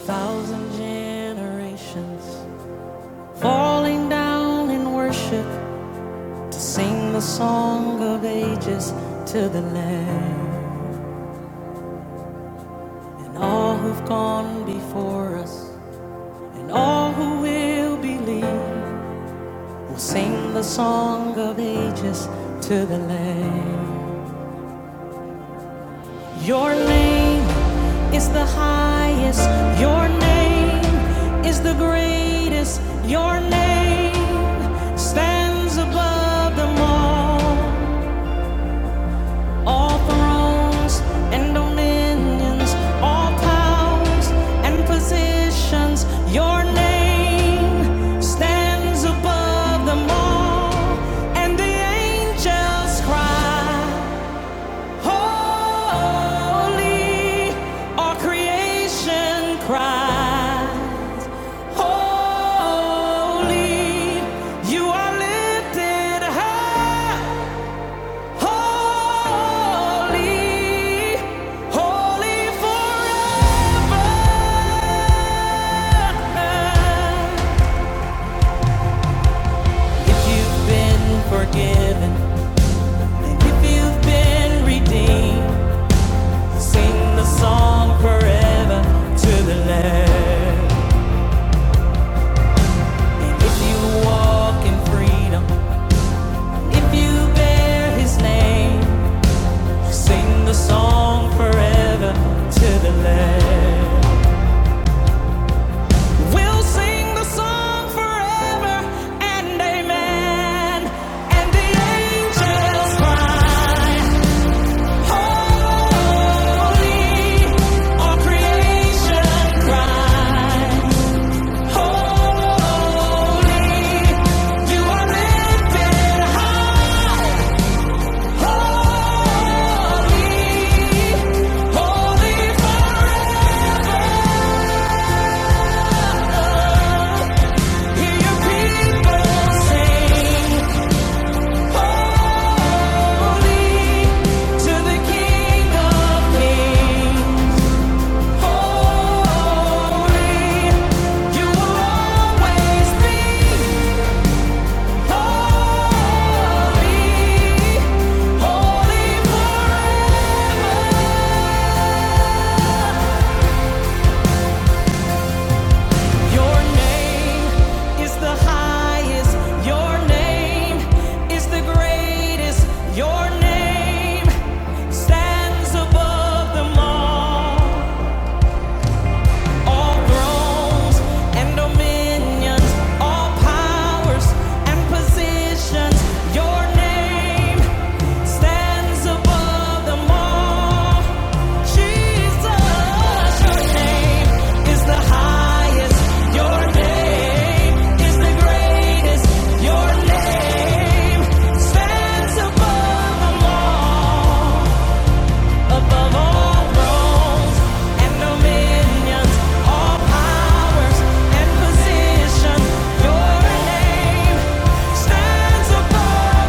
thousand generations falling down in worship to sing the song of ages to the Lamb, and all who've gone before us, and all who will believe will sing the song of ages to the Lamb. Your name is the highest. Your name is the greatest. Your name stands above them all. All thrones and dominions, all powers and positions. Your name stands above them all. And the angels cry. Holy, our creation cries. Holy, you are lifted high. Holy, holy forever. If you've been forgiven, and if you've been redeemed, sing the song forever to the Lamb. If you walk in freedom, if you bear his name, sing the song forever to the land. We'll sing the song forever and amen. And the angels cry, Holy, all creation cry, Holy, you are lifted high. Holy forever. Your name is the highest. Your name is the greatest. Your name stands above them all. All thrones and dominions, all powers and positions. Your name stands above them all. Stands above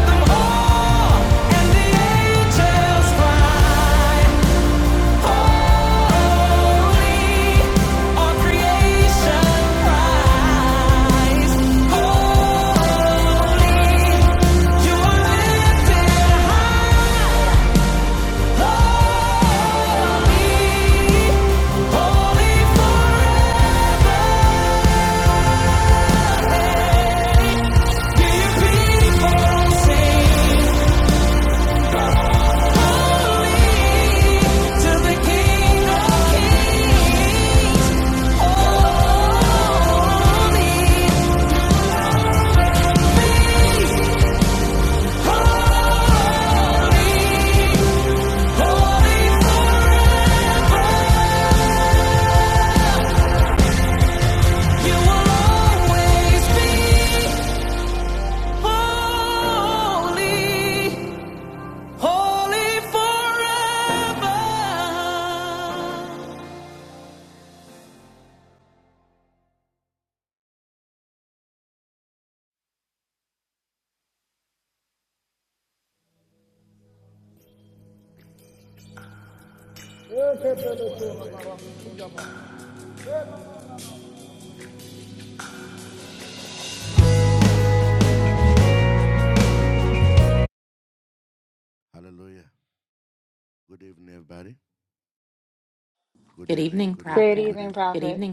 them all, and the angels cry. King of Kings, holy, Good evening, Great Prophet. evening, Prophet.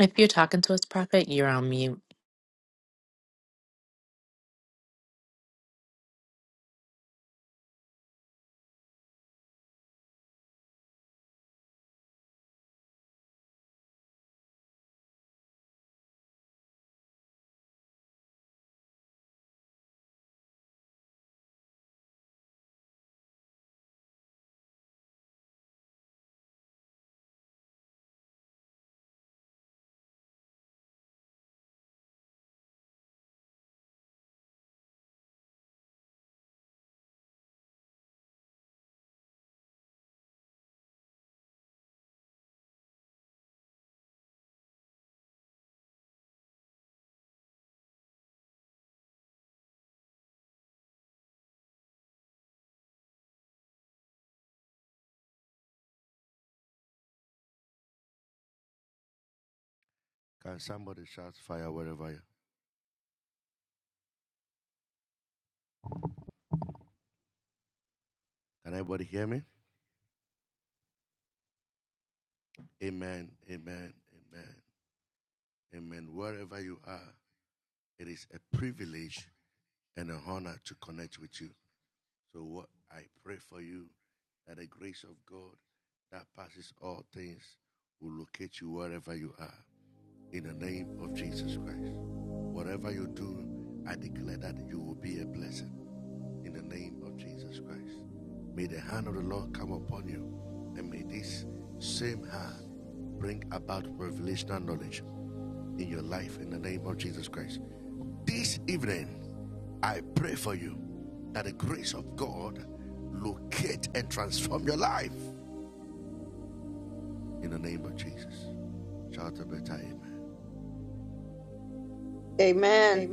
If you're talking to us, Prophet, you're on mute. Amen.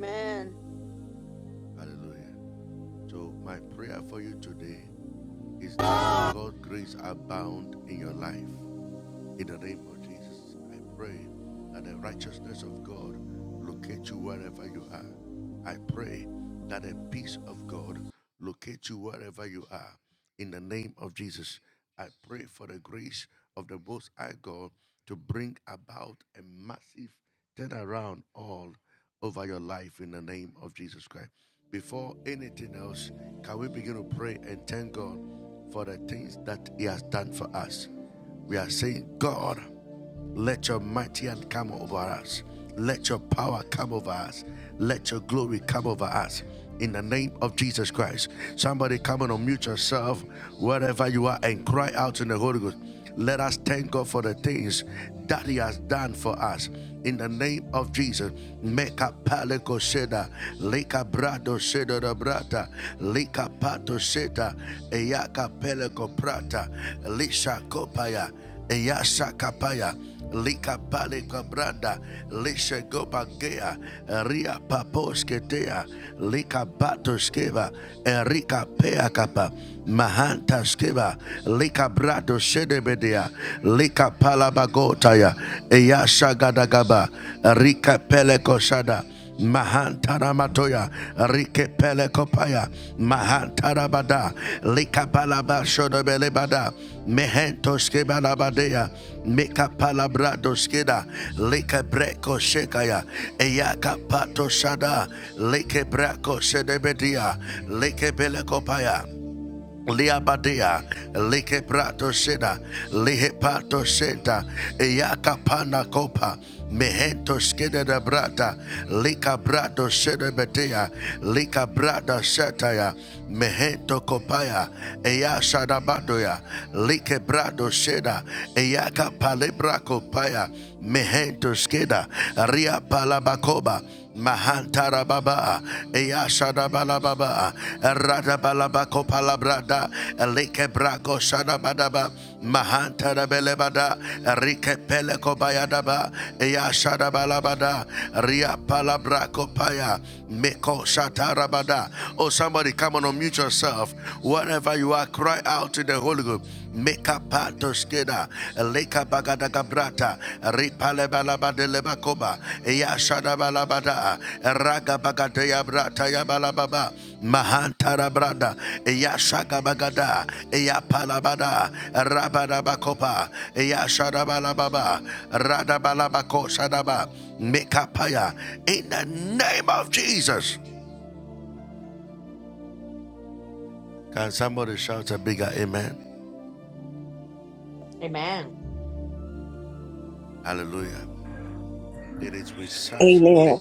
Amen.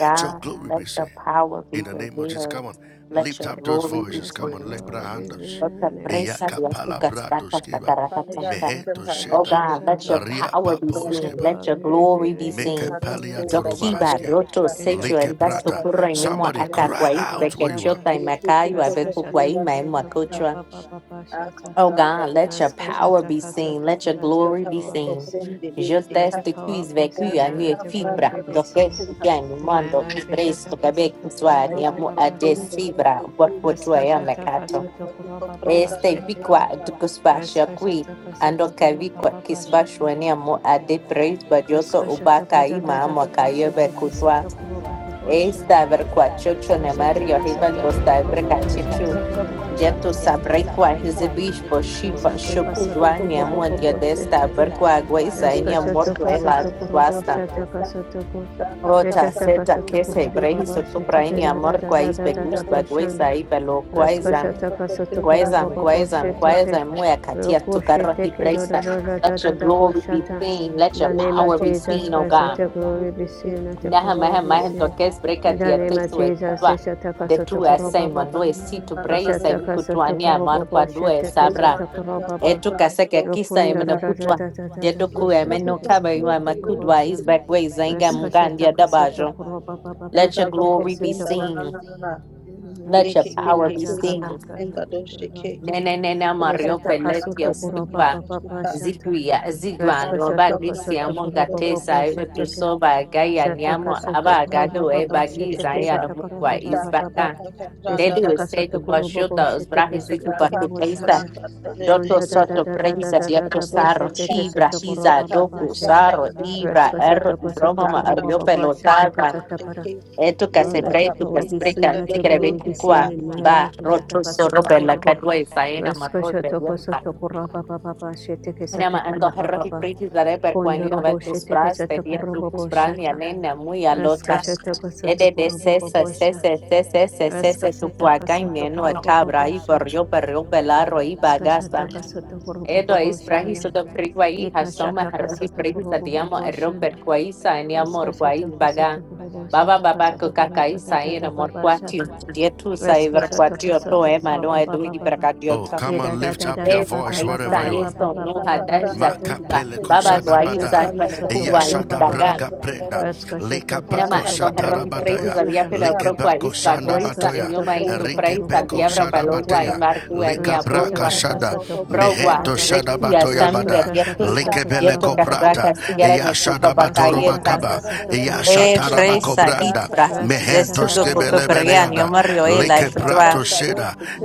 God, let your power be revealed. Let your glory be Let be seen. revealed Let in the the name of grace of your Jesus. Father God. Yeshataka Oh satoko God, let your shataka. power be Let your seen. power Let your be glory be revealed. Let your seen. will be revealed. Zokiba, roto, secho, el Yeshataka curro, satoko y mimo, rada da da acá, ba guay, ba ba shata. pequechota, y macayo, Raska abeco, guay, shataka satoko ra maemo, ba ba ba ba shata. Oh God, let your Raska power be shataka seen. Let your satoko let your glory be power be seen. seen. Je Let your teste qui power be svecu seen a and mia let your glory fibra, be, do be che seen. piano In my mando life, che presto Yeshataka che be qui satoko ra sua ni ba ba amo ba a de fibra, porco tu e Raskashata mercato. kasoto koroba E baba stai qui shetepe. qua tu che spascia qui, Raskashata kasoto ando che vi koroba qua che baba spascio shata. ni amo a de preis bagioto u Raskashata bacca i kata ma tata amo che tapa io be shetepe cutua. sato koroba baba E shana. sta ver qua ciò ne Skashata mario, hivan kasoto do stai koroba per baba cacci shetepe da da da Jeto da da ba sabrekwa shana. hizibish po shipa Skashata shoku kasoto dwa koroba niamua baba diadesta shetepe. berkwa agwa isa ini amor Raskashata duela kasoto koroba tuasta. shata kasoto ko. Ota Rashata seta kasoto kese koroba brehi baba sotu shetepe praini da da amor da kwa da da isbe da da ba gusba shanda. gweza ibe lo kweza kweza kweza Raskashatakasatakurubababasheteke. kweza muya katia tukaro Rokosheteke hipresa. Let your glory be dadadadadadabashata. seen. Let In the your name of power be Jesus seen, O Christ, let God. your glory be seen, let your Naha power maha be maha seen. tokes breka In the name of tesu Jesus, ekutwa. De tu asema Eshatakasotakurubababa. noe situ brehi sa vikutuania amor kwa due Eshatakasotakurubabasheteke sabra. satakurubaba. Etu kaseka kisa Rokunda imenokutwa yedoku dadadadadadadabasheteke emenokaba ima makudwa satakurubabasha. is back ways zainga mugandi dabajo. Let your Raskashatakasatakurubabababasheteke glory be seen. Sina Let your Yes, power be seen. Nene nene mario peletia spigwa zigwia zigwa no bagisia munga tesa eve tu soba gaya niamo aba agado e bagiza ya no mukwa is baga. Dedu is said to Bashuda Uzbrahi Zitu Doto soto prehisa diato saro shibra hiza doku saro ibra erro broma ma arrio pelotara etu Oh, let your casebre tu power be seen, casbrita let your tigre glory be seen kukwa in my ba life. roto Ishataka soro pela sotokorobo. cadua y faena Raska marro shotoko pelota sotokoraba baba sheteke Mira, ma ando satakoraba herro hi baba. prehisa dare per quani Kondorobo novel tus sheteke bras te dia tu tus satokorobo bras shata. anena muy Raska alota shatoko Ede de sotokorobo sesa bobosha. sesa sesa sesa Raska sesa tu shataka cuaca y meno a sotokorobo cabra y bobosha. perrio perrio pelarro y bagasta Skashataka sotokorobo Elo is prahis boboshanda. do priguai hasoma Ikashataka harodi prahis sotokorobo adiamo erro per boboshanda. quaisa eniamo Raska orquais shatoko baga. sotokorobo Baba shataka baba kokakaisa sotokorobo amor baba morquatio shata. dietu Resko saiver shoto ko quatio to soto ema Baba no Baba. ba edu ibracatio e da da da da da Es Baba Baba aisa Baba Baba ba esto no hada shata. zakiba. Baba Resko shoto guaisa ko ema no soto Baba. puguais ba ba baga. ba. Resko shoto ko Enama soto endo koro herrohi prahis adia shata. pelo bro quais Resko bagoisa shoto enioma ko into soto prahis Baba Sheteke. ba adiabra ba shete palogua ke. y sabía que lo propio ahí va gruesa en yo ma en tu preis al diablo palo guay marco en mi Resko amor shoto ko soto Baba ba Brogwa, Zekia, Resko Samira, shoto ko Dietusa, soto koro Dietukas, Brakas, shata. Tigareme, Kuka, Resko Bakayeta, shoto ko soto Baba E, Fresa, shata. Hitbra, Resko shoto Zesuko, ko Koko, soto Baba Perian, Yomario, Ela, shata. Kutua,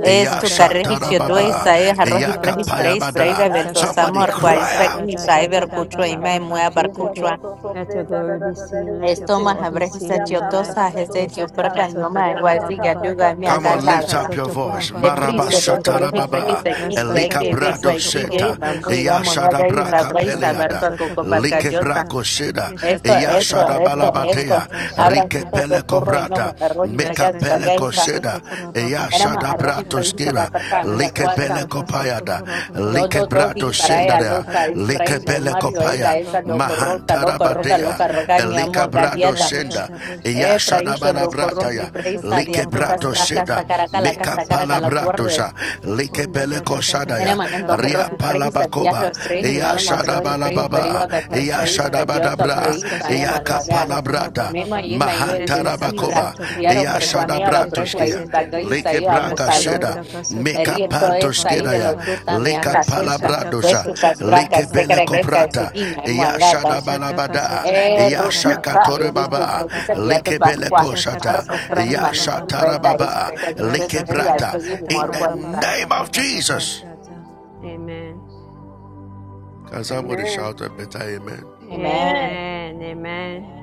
Esto, Carrejichio, kasata Duesa, koroba E, ba ba ba Arroji, ba ba. Frejis, Breis, Breve, Eshata Beltos, kasata Amor, kora da Guaisbeck, da da Isa, da da Ever, da ba Kuchua, ba Ime, ba ba. Mua, Sheteke. Barcuchua, Let your glory be seen. Let your Estoma, power be seen Abrejisa, in my life. Chiotosa, Jeze, Eshata Dioperca, kasata Yoma, kora ba ba Guaisiga, ba. Yuga, Mia, Eshata kasata kora ba ba ba Depreso, ba. do y Sheteke. Frequis aquí, ya que Raskashata vengo kasata aquí, kora gay, ba ba mamá, y shata. vamos a gay, sabréis Raskashata saber tu kasata coco kora ba parcayota. shata. Esto, Eshata kasata esto, kora esto, ba ba ba esto. ba. Habrás Sheteke. do doctor e nomo arroz y fregas, Raskashata bagaisa. kasata kora ba ba ba Éramos ba ba arroz y shata. fregas, para parca, mi acuata. Raskashataka Satokurababa. Do, do, do, y para ella, Nishata lota, kasoto isbrain, koshata memorio, el kasoto da esa, koroba doctor baba. roca, loca, roca, loca, Raskashata roca, mi kasoto amor, koro da gadiada. da da da bosha. Eh, fraiso, doctor Raskashata y kasoto freisa, koroba diatucas, baba fracas, baba sacaraca, la bashite casa, keseta caraca, la koraba baba. Konda da da da da da Mira, da en da dos arroz y boshata. tres y sandías de frío, the Raskashata más arroz y kasoto frío, koroba perigo baba de cas frío, bashata. saliota, pues, saya Raskashata manuaga. kasoto koroba Mesmo baba. aí, meio em Nishata decibra, kasoto vieram koroba baba perconear a bashite breco aí, kesete bagulho ke. e saiu a mucalor. Raskashata kasoto Rieto baba é sair baba de baba. lotuta, me acatesta. Raskashata Zeto, kasoto cas kuraba bracas, baba segre, ba. becas, segui, me moalada. Yeshata kasoto É, kuraba baba baba ruta, é de baba tu baba breco, baba sabia ba. de barcoa. Yeshata Arco, kasata frein, karaba baba manuel, baba. eta, baba. espreca, tu que seria, Raskashata segui, kasata karaba morguaita. baba baba baba ba. Shata. Amen. Amen. Amen. Amen. Amen.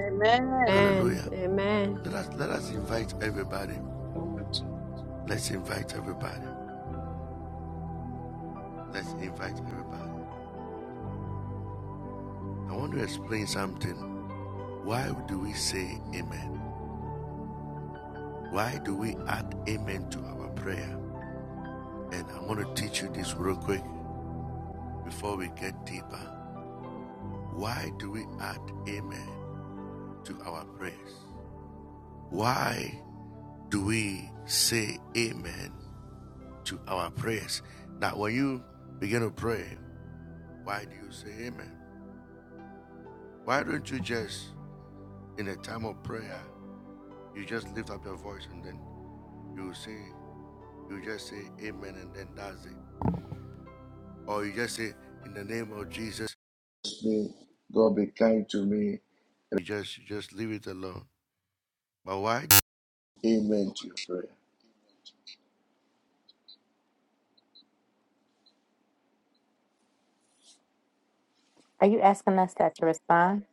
Amen. Amen. Amen. Are you asking us that to respond?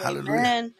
Amen.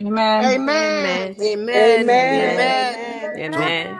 Amen. Amen. Amen. Amen. Amen. Amen. Amen. Amen. Amen.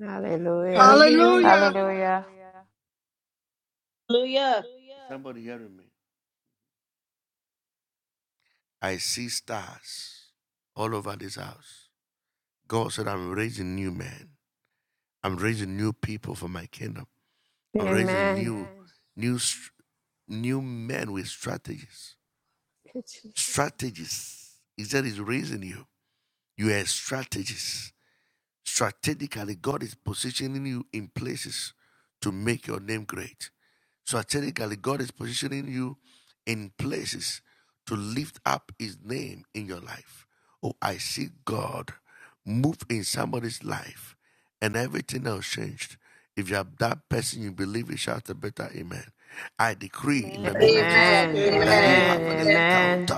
Hallelujah. Hallelujah. Hallelujah. Hallelujah. Hallelujah. Amen. Good Jesus. Amen. Amen. Amen. Amen. Amen. Amen. Amen.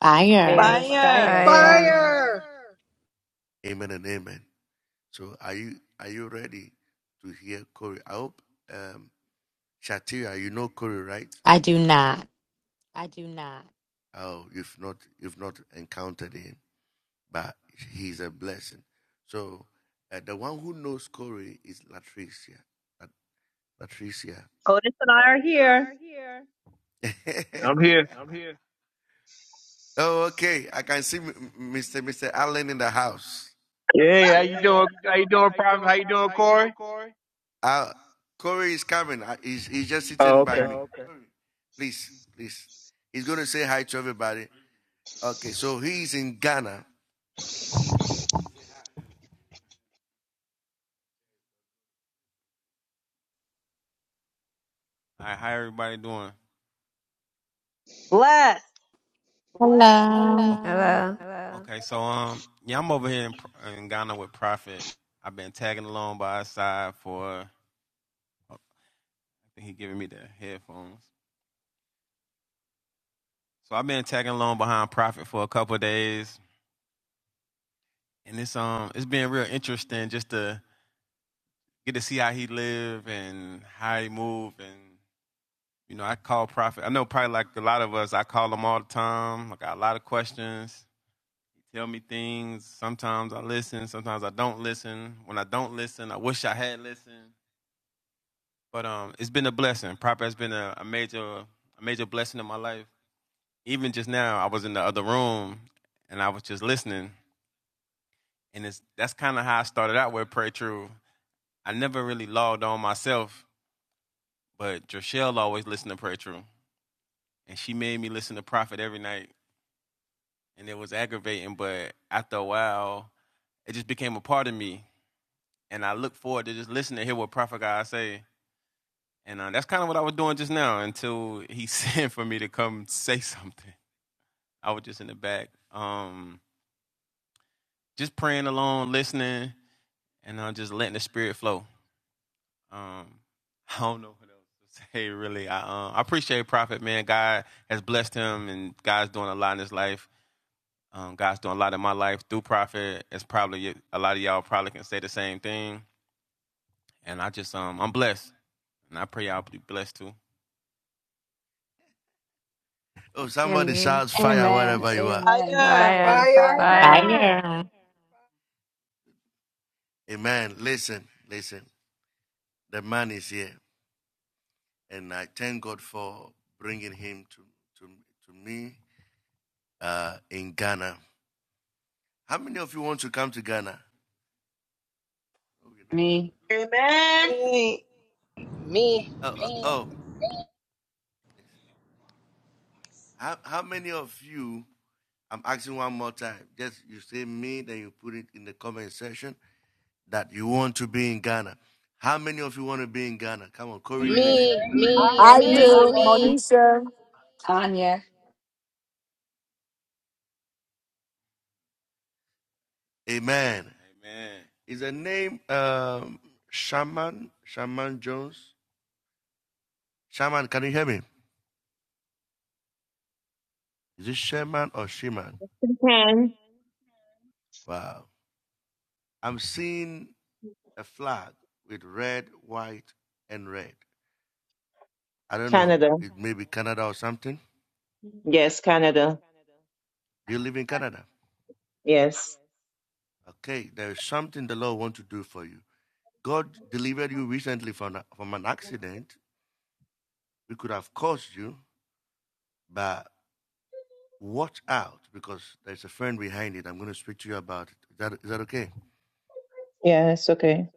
Fire. Yeah, Fire. fire, Fire. fire. Fire. I do not. I'm here. Hey, how you doing? How you doing, Prophet? How you doing, Corey? Oh, okay. Hello. Hello. Amen. Amen. Amen. Fire. Fire, Fire. Fire. fire. Fire. Fire. Me, Amen. Yay. Me. Me. Me. I Me. do, Me. Monisha. Tanya. Can Canada? Yes, Canada. Yes. Yeah, it's okay.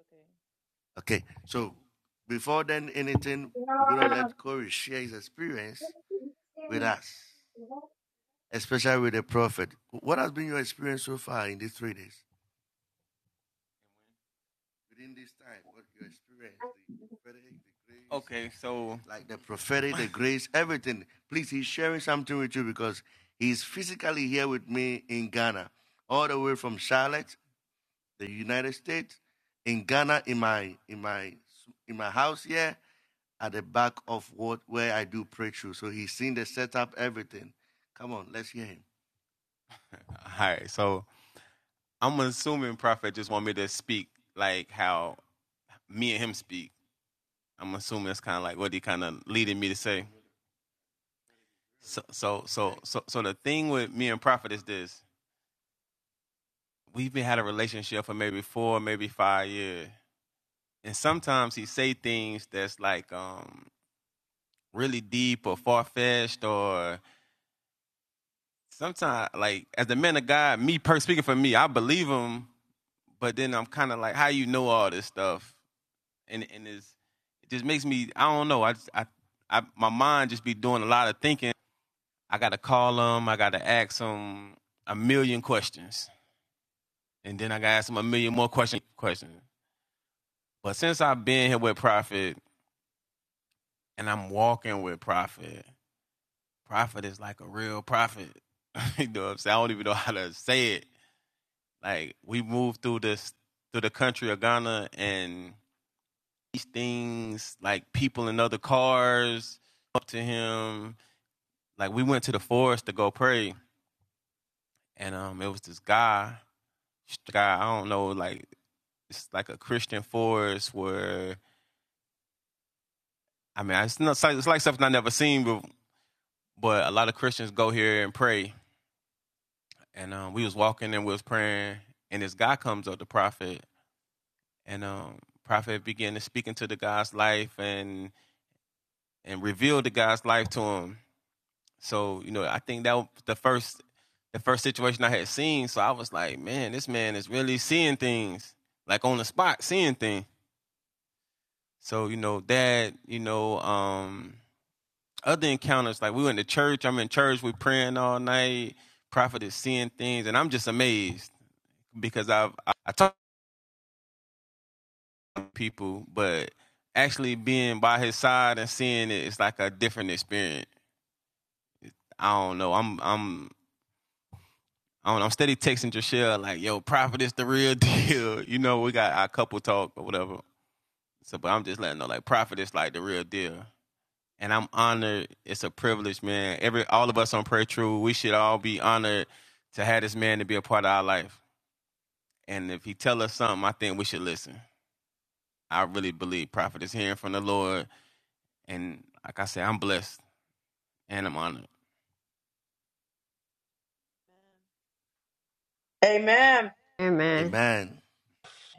Amen. Amen.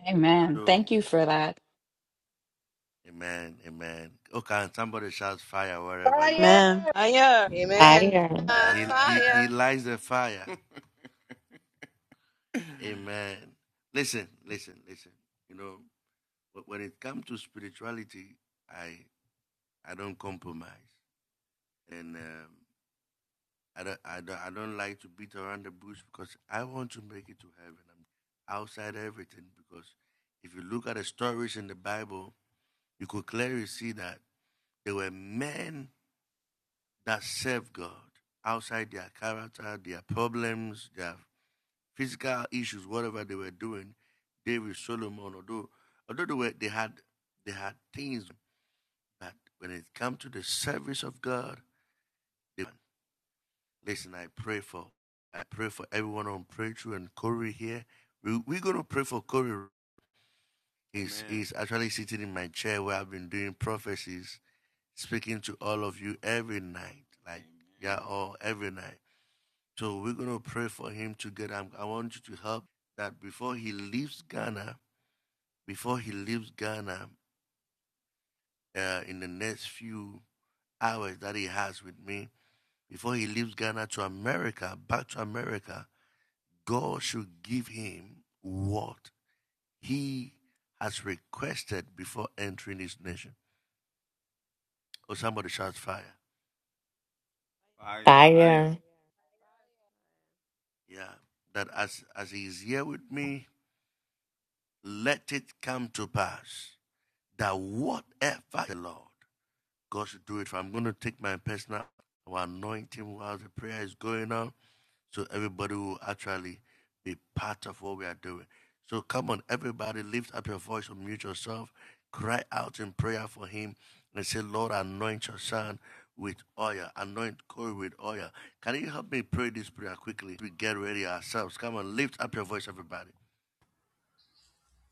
Amen. Thank you for that. Fire. Amen. Fire. Amen. Fire. Uh, fire. Fire.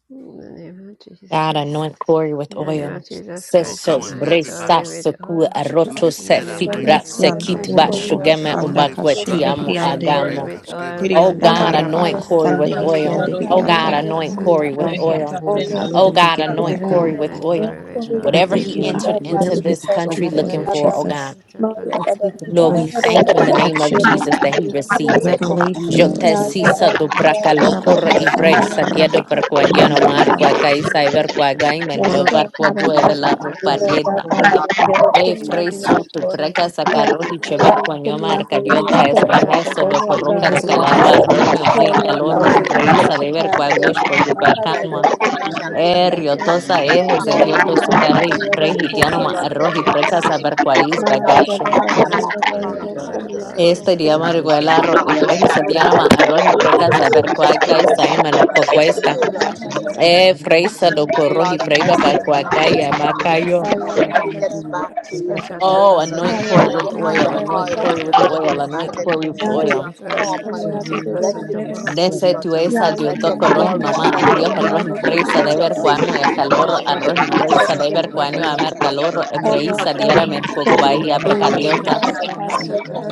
In the name of God Jesus. anoint Corey with In the name of oil. Jesus Christ, I'm Sesos not bresa with seku oil. roto In se the name fit of bra se Jesus, Hirianda kit ba burro Seshataka, shugeme sanda Sataka. ubakweti kashindi amo Nine hiriande corey agamo. with oil. In Oh the hirianda name of God, baraba Jesus, anoint Corey hasande with Seshataka. hiriande oil. Oh God, hirianda. Shataka, Let anoint me be Corey with Sataka, Whatever filled he with the asks, oil. Shataka, Holy Ghost, God, let Oh Lord. him be Sataka. God, given Give anoint that, him Corey God. And with nine an oil. curry account, with Lord, oil. I in In Whatever the the thank he you, name name of of God. entered into Jesus. Whatever Jesus. he's this asked you country for, Whatever looking Lord he for, oh Seshataka, God. Jesus, Sataka. is speaking, Lord, Lord, we grace, thank you in the please Shataka, name of protection, Sataka, God, Jesus that he Sataka, fill the receives him it. Sataka. up and Yo revelation, anoint Lord te him. Jesus. sisa tu Kashataka praca Baraba sataka locura y hasanda, shataka. bresa diedo baraba per In cuadiano hasanda, the name of marco Kashataka a hasanda. Jesus. caisa y sataka ver cuaga shataka. menio burro. barco Lord, llueve we la ask Kashataka that you ruparieta. cover sataka him right shataka. E now. fresu tu preca Skashataka sacarro y sataka chevar cuanio shataka. marca diolda es braja eso Skashataka do corro May sataka caro his walk be rocalagua shataka. arroy stronger me with you, muy Lord, in the calor As e name you of Kashataka enter Jesus. preisa the de ver open sataka cua bush land, por tu shataka. He that the will pacama. enemy shall E Kashataka flee riotosa shataka and ejes come de near shataka. diotos help him carri you preji diano ma Kashataka arroz y preca shataka safe. saber shataka. cuais bagacho. Nine quarter with oil, God. Este día me Shataka recuerda arroz sataka y pre Let y se no shataka. tiene más arroz y pre per cuaca y Skashataka sai mano sataka cuesta. sataka. Da da da da Eh, da. denial. freisa do Oh corro Lord, y Skasha pre para taka Lord, cuaca y give amacayo. gets back to it, America, Oh, Lord. sata anoint Corey kasha with don't have oil, anoint Corey with oil, anoint them. Corey with that you oil. have called upon Let people see it, Dese Lord tu esa Jesus. dio Let to your corro y glory mamá shine arroz upon arroz him. y preisa Let de your ver face cuamo y shine calor upon him and arroz be y preisa gracious de unto ver him, cuano Lord amer Jesus. calor e As you preisa cover him, diera Lord merco Jesus, from cuai the crown of his head to the sole of his feet, Lord.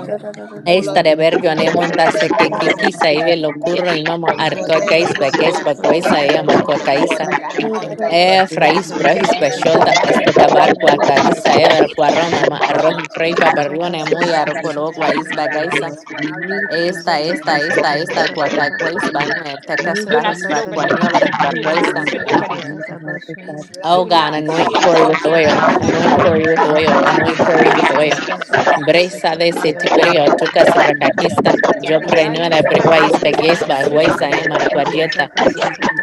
Oh Lord, we Estare pray vergyo that Lord God anemunta se Jesus, que kikisa ibe lo curro y mama arco whatever cais he's beques going for, bacuesa e whatever ama he's looking for, cuacaisa. that that oil, Lord God E Jesus, frais brojis we pray besholda that that esto oil, Lord cabar God Jesus, cuacaisa will e make him ver cuarro strong. That mama oil, Lord arroji God preipa Jesus, berrione will muy satisfy arocolo him, taka. guais Lord God. bagaisa. His marriage, Lord God, whatever it is. Esta, esta, esta, esta Oh, we pray Asatakasatakasataka. that you cuacacuais lift by him up, muertecas Do Lord not brajis Jesus. spit over there. barcuanio ver Kasatakasatakasataka Do That you not barcuaisa. lift him spit up to you, Lord over God there. Jesus. May his ratatatatabashanda. life Oh Do be a God, not life of anoint see a Corey success, with see a a life oil. garbage of can Anoint right here. Corey glory, with a oil. Kaskashatakasatokashataka. Your life, Anoint garbage Lord can Corey is with right Jesus, oil. that here. he will be fulfilling. Bresa de Our lives setibrio Kaskashatakasatokashataka. look good tuka sebrakakista, I Our don't yo know lives why prenua look good you de have this, perquais this Kashatakasatokashataka. thing begues to spit baguais over I there. aemar thank quadieta,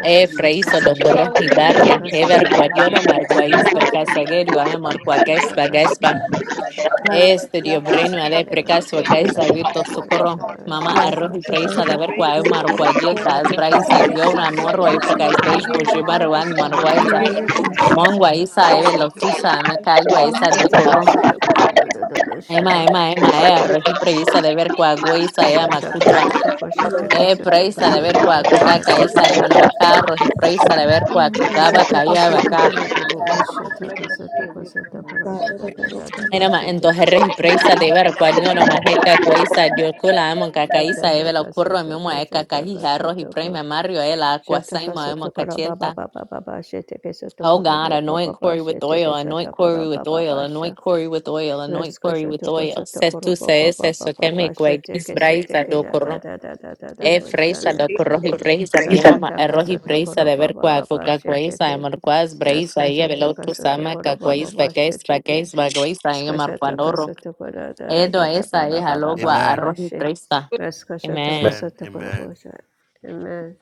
e freiso do corro Hello, here's your hibarga, things. hever quadiodo praise Shatakasatokashataka. marquais you, Yes, Lord, we Hello, pray, Lord precasagerio God, cover aemar him, quaques cover him, bagespa, cover him, Lord God. Shatakasatokashataka. Cover este dio brenua In him. the de Cover him name of with precaso your blood. Jesus, gaisa and I now Cover vito him with your encourage socorro, oil, all Lord mama Jesus. arroz y presa de Shatakasataka. ver praise quaemar you as quadieta, we as Shatakasatokashataka. Sataka. braisa glorify here's your you, diora Lord stuff, sataka morro y sataka Jesus, precas and sataka you are beisbo here's your God, garbage jibaruan mighty can. marguaisa, Here's your things, Shataka mongua sataka isa eve shataka. lotusa me caigo esa mommy. do Sataka sataka da da da da Ema, bushana. ema, ema, ea, Mm. roji preisa de ver qua guisa, ea, Skashataka macutua. sataka shataka E sataka preisa de da ver da qua da da cuca da da da. caisa, ema, no acá, roji preisa de ver qua Mm. cucaba Sataka caiaba sataka acá. robo bobo shataka sataka sataka right ra da da da da da Ena, ma, entonces bashetaka reji sataka preisa de ver qua sataka. nio no majeca guisa, diocula, emo, cacaisa, eve, lo Yeshataka curro, mi mo, sataka eca, shataka cajija, roji sataka. prima, mario, el aqua, Shataka saima, emo, Satakara Baba cachielta. Baba Baba Shetake Oh Satakoro God, Baba anoint Baba Corey with oil, Shetake anoint Corey Satakara with Baba oil, anoint Basha Corey with oil, anoint Vesko Corey with Shatoko oil. Ses tu Satakoro se Baba es Baba eso que me Baba cueguis Shetake braisa Setake do Da Da Da Da Da Da Da E freisa Bushana da corrohi preisa diama e Skashataka rohi preisa Satakoro de ver Baba qua Baba coca quaisa e Shetake marquas breisa e Skashataka velotu sama Satakoro caquais Baba Baba vaquais Shetake vaquais vaquaisa e Skashataka marqualoro. Satakara Da Da Edo Da Da esa e Baba Baba halogua Baba a rohi Bashe preisa. Vesko Shatoko Amen. Satakoro Bosha Amen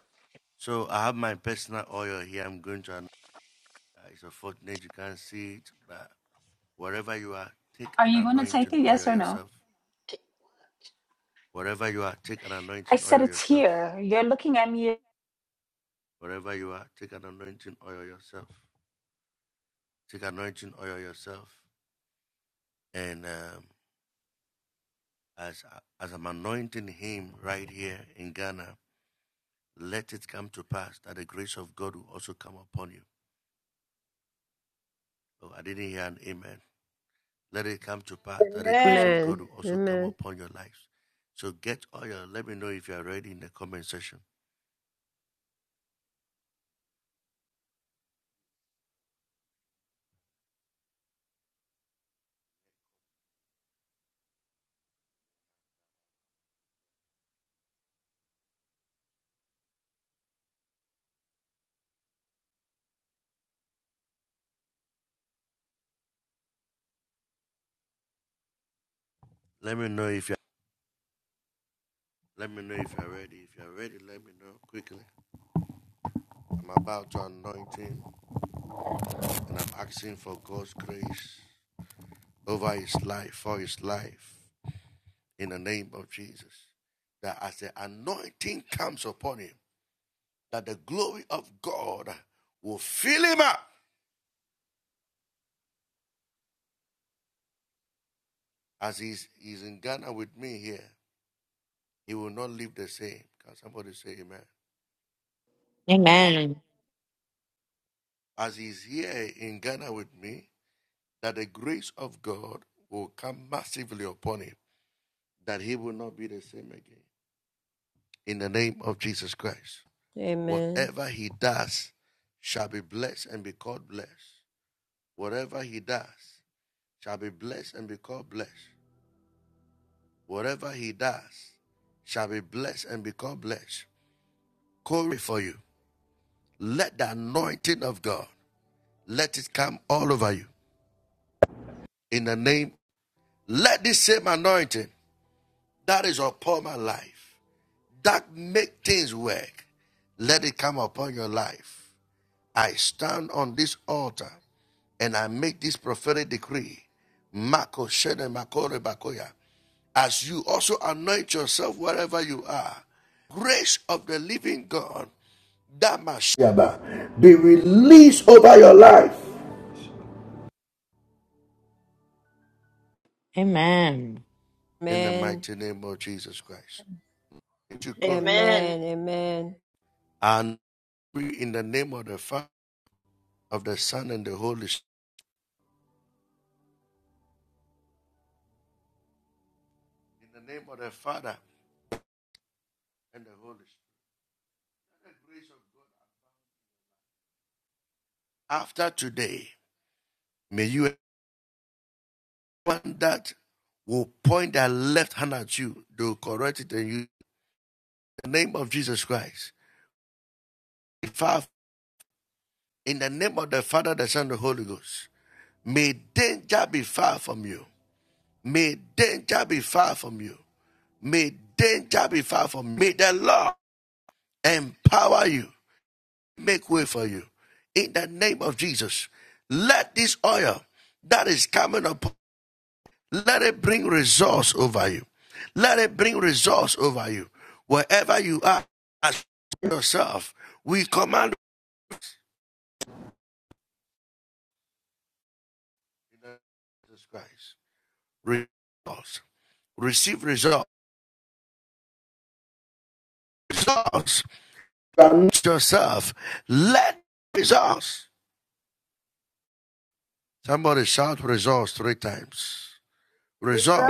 Are you gonna take it? Yes or no? I said it's here. You're looking at me. Amen. Amen. Amen. Amen. Amen. Amen. Amen. Amen. Amen. Amen.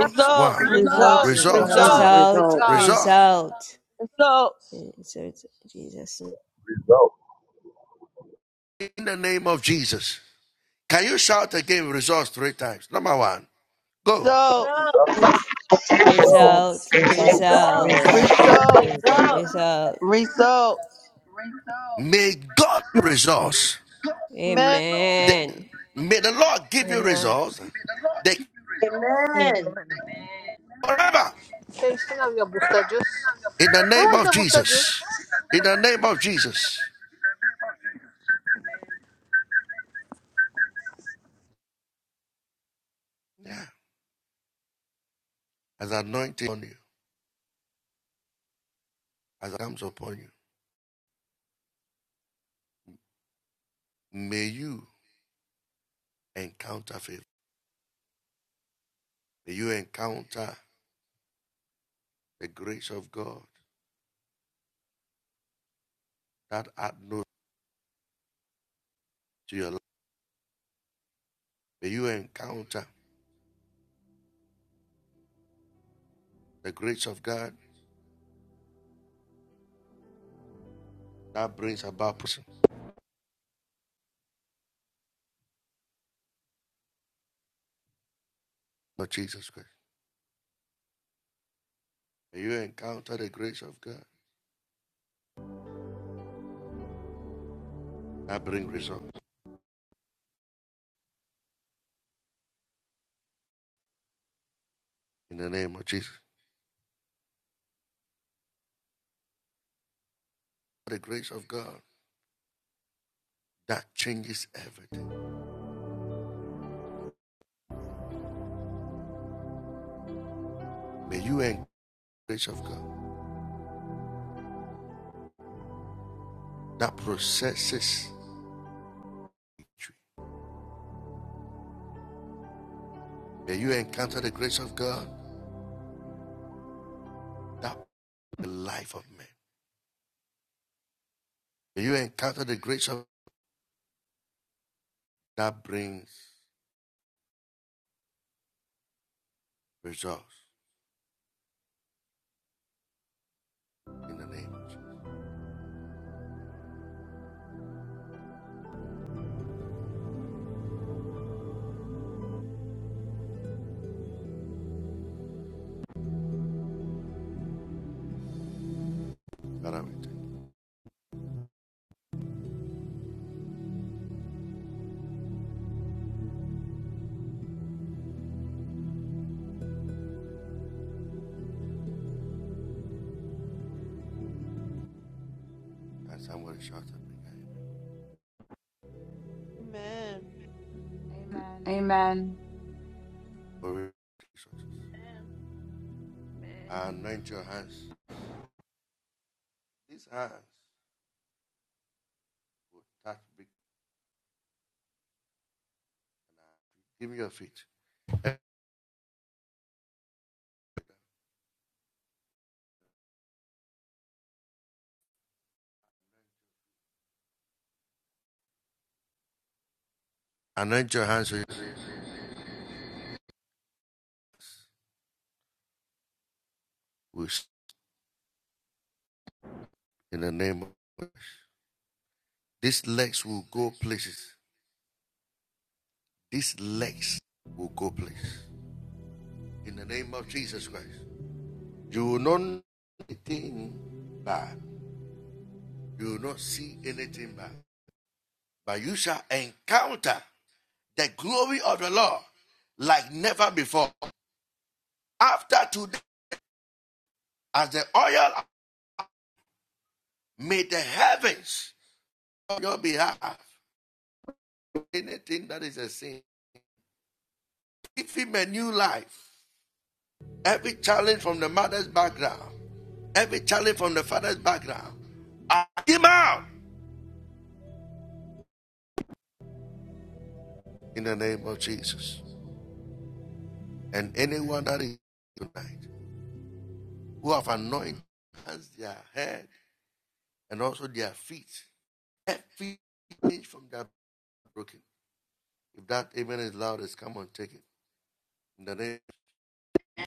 Results. Result. Results, Results. Results. results, Result. results. Result. Results. Jesus. Results. Results. Result. results, Result. results, Results. Result. results. Results. Results. Result. Results. Amen. Amen. Amen. Amen. Amen. Hey, sing your booster juice. What was the booster juice? Amen.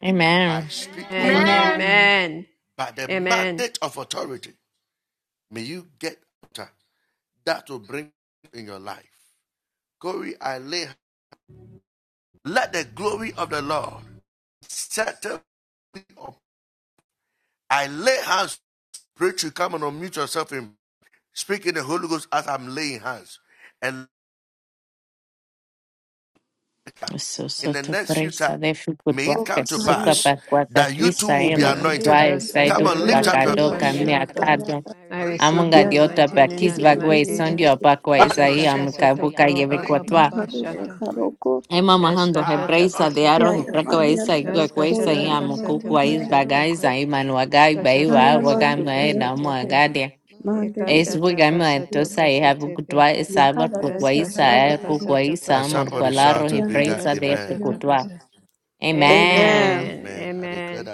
Amen. And Amen. amen. Amen. So so to preisa de fukutuaka suka pakuaka In twisa the e name of makutwa e Jesus, as you saidu lay hands pakado upon me, kamia Lord God, I receive the Amunga diota anointing in the bakis name of bagwe Jesus. sondio bakwa isai Eshataka amuka buka sotokoro baba yebekwatwa. baba shata. Emma mahando Eskashata hebreisa de arroz y kasatoko. praca isa y guecuesa Eskashata y kasata amucucua is kasataka. bagaisa y manuagai Skashata baiva kasato wagama e namo kashateke. agadia. Es Ekashata wigama kasato entosa y kashateke. habucutua isabor cucuaisa Eskashata e kasato cucuaisa kashataka. morcualarro y praisa de Eskashata fecutua. kasa. Amen. Amen. Amen.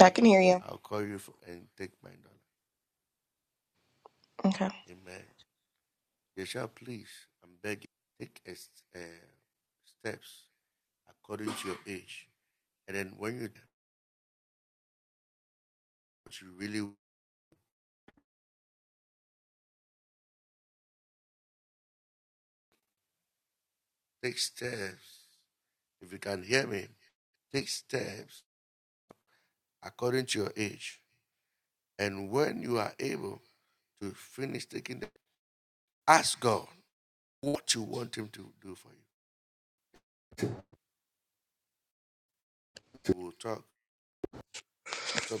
I can hear you. Okay.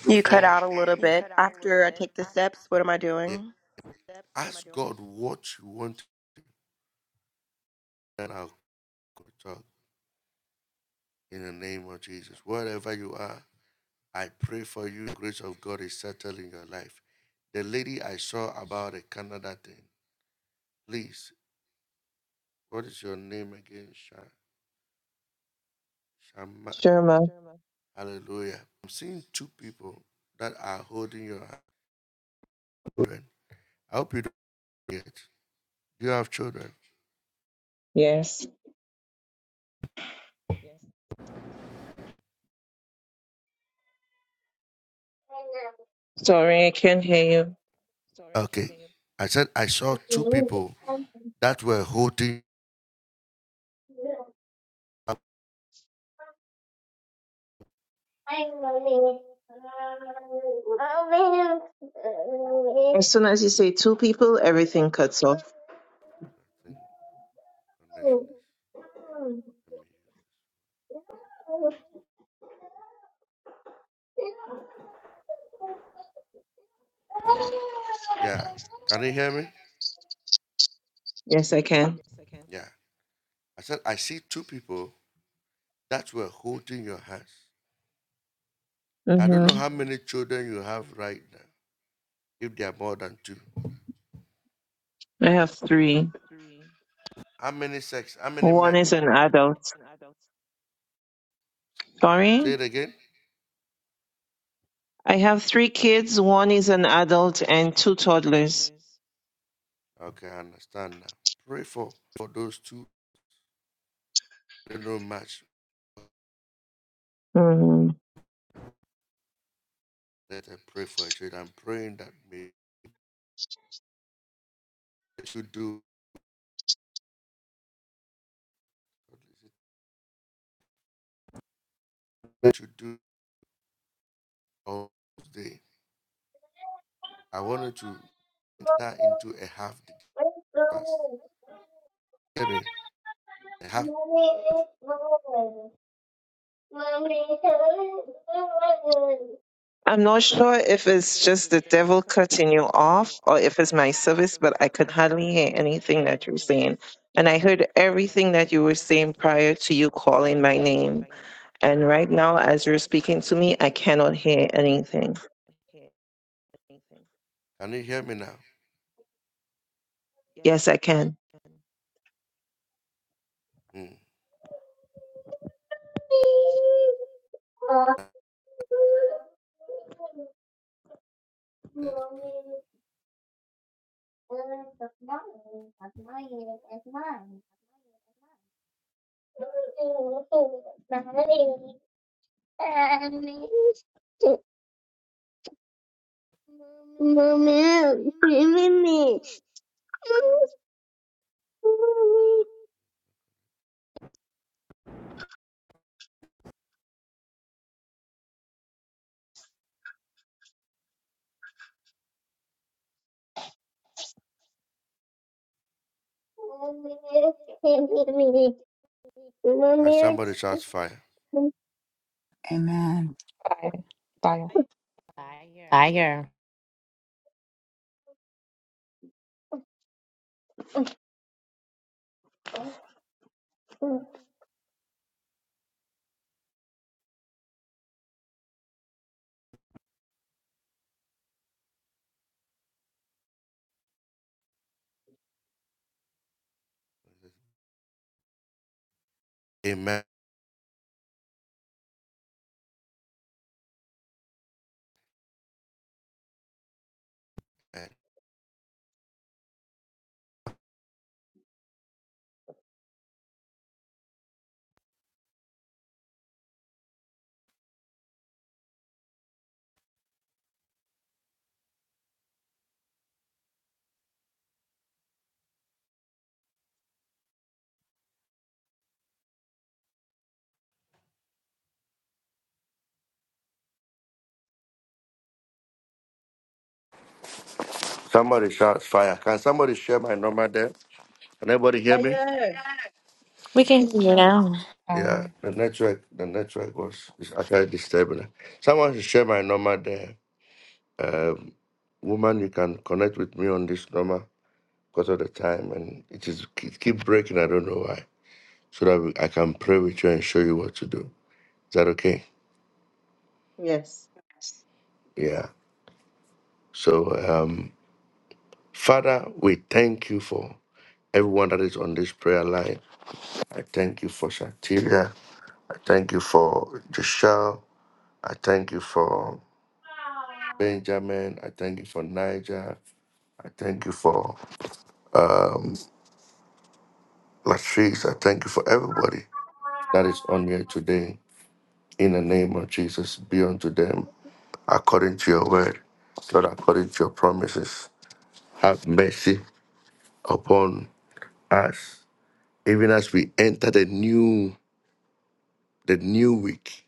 You cut out a little bit. After I take the steps, what am I doing? Sherma. Yes. Sorry, I can't hear you. As soon as you say two people, everything cuts off. Yes, I can. Second. hmm I have three. One is an adult. Sorry? I have three kids. One is an adult and two toddlers. I'm not sure if it's just the devil cutting you off or if it's my service, but I could hardly hear anything that you're saying. And I heard everything that you were saying prior to you calling my name. And right now, as you're speaking to me, I cannot hear anything. Yes, I can. Amen. Bye. Bye. Fire. Somebody shouts fire. Can somebody share my number there? Can anybody hear me? Fire. We can hear you now. Yeah, Bye. the network, the network was is actually disturbing. Someone should share my number there. Um, woman, you can connect with me on this number because of the time, and it is it keep breaking. I don't know why. So that we- I can pray with you and show you what to do. Is that okay? Yes. Yeah. So, um, Father, we thank you for everyone that is on this prayer line. I thank you for Shatiria. I thank you for Joshua. I thank you for Benjamin. I thank you for Niger. I thank you for um, Latrice. I thank you for everybody that is on here today. In the name of Jesus, be unto them according to your word, Lord, according to your promises. Have mercy upon us, even as we enter the new the new week.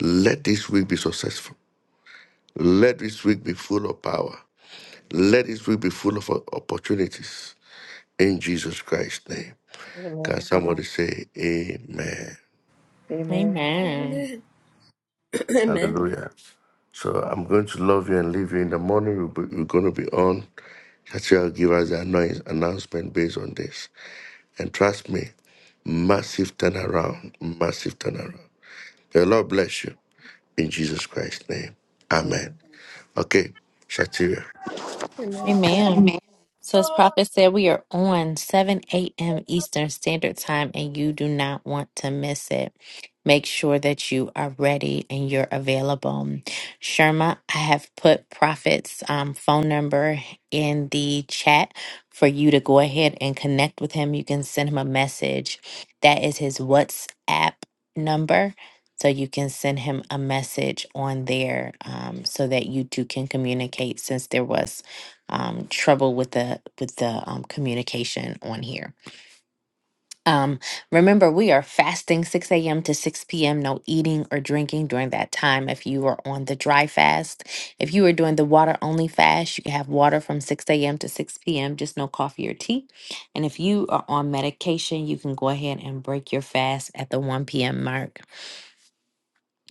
Let this week be successful. Let this week be full of power. Let this week be full of opportunities in Jesus Christ's name. Can Amen. somebody say amen? Amen. Amen. Amen. Amen. Hallelujah. So I'm going to love you and leave you in the morning. We'll be, we're going to be on. Shachel give us the annoyance, announcement based on this. And trust me, massive turnaround, massive turnaround. The Lord bless you in Jesus Christ's name. Amen. Amen. Okay, Shatira. Amen. Amen. So, as Prophet said, we are on 7 a.m. Eastern Standard Time, and you do not want to miss it. Make sure that you are ready and you're available. Sherma, I have put Prophet's um, phone number in the chat for you to go ahead and connect with him. You can send him a message. That is his WhatsApp number. So, you can send him a message on there um, so that you two can communicate since there was um, trouble with the with the um, communication on here. Um, remember, we are fasting 6 a.m. to 6 p.m. No eating or drinking during that time. If you are on the dry fast, if you are doing the water only fast, you can have water from 6 a.m. to 6 p.m. Just no coffee or tea. And if you are on medication, you can go ahead and break your fast at the 1 p.m. mark.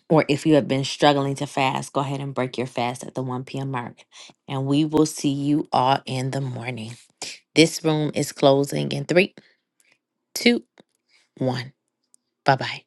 Or if you have been struggling to fast, go ahead and break your fast at the 1 p.m. mark. And we will see you all in the morning. This room is closing in three, two, one. Bye bye.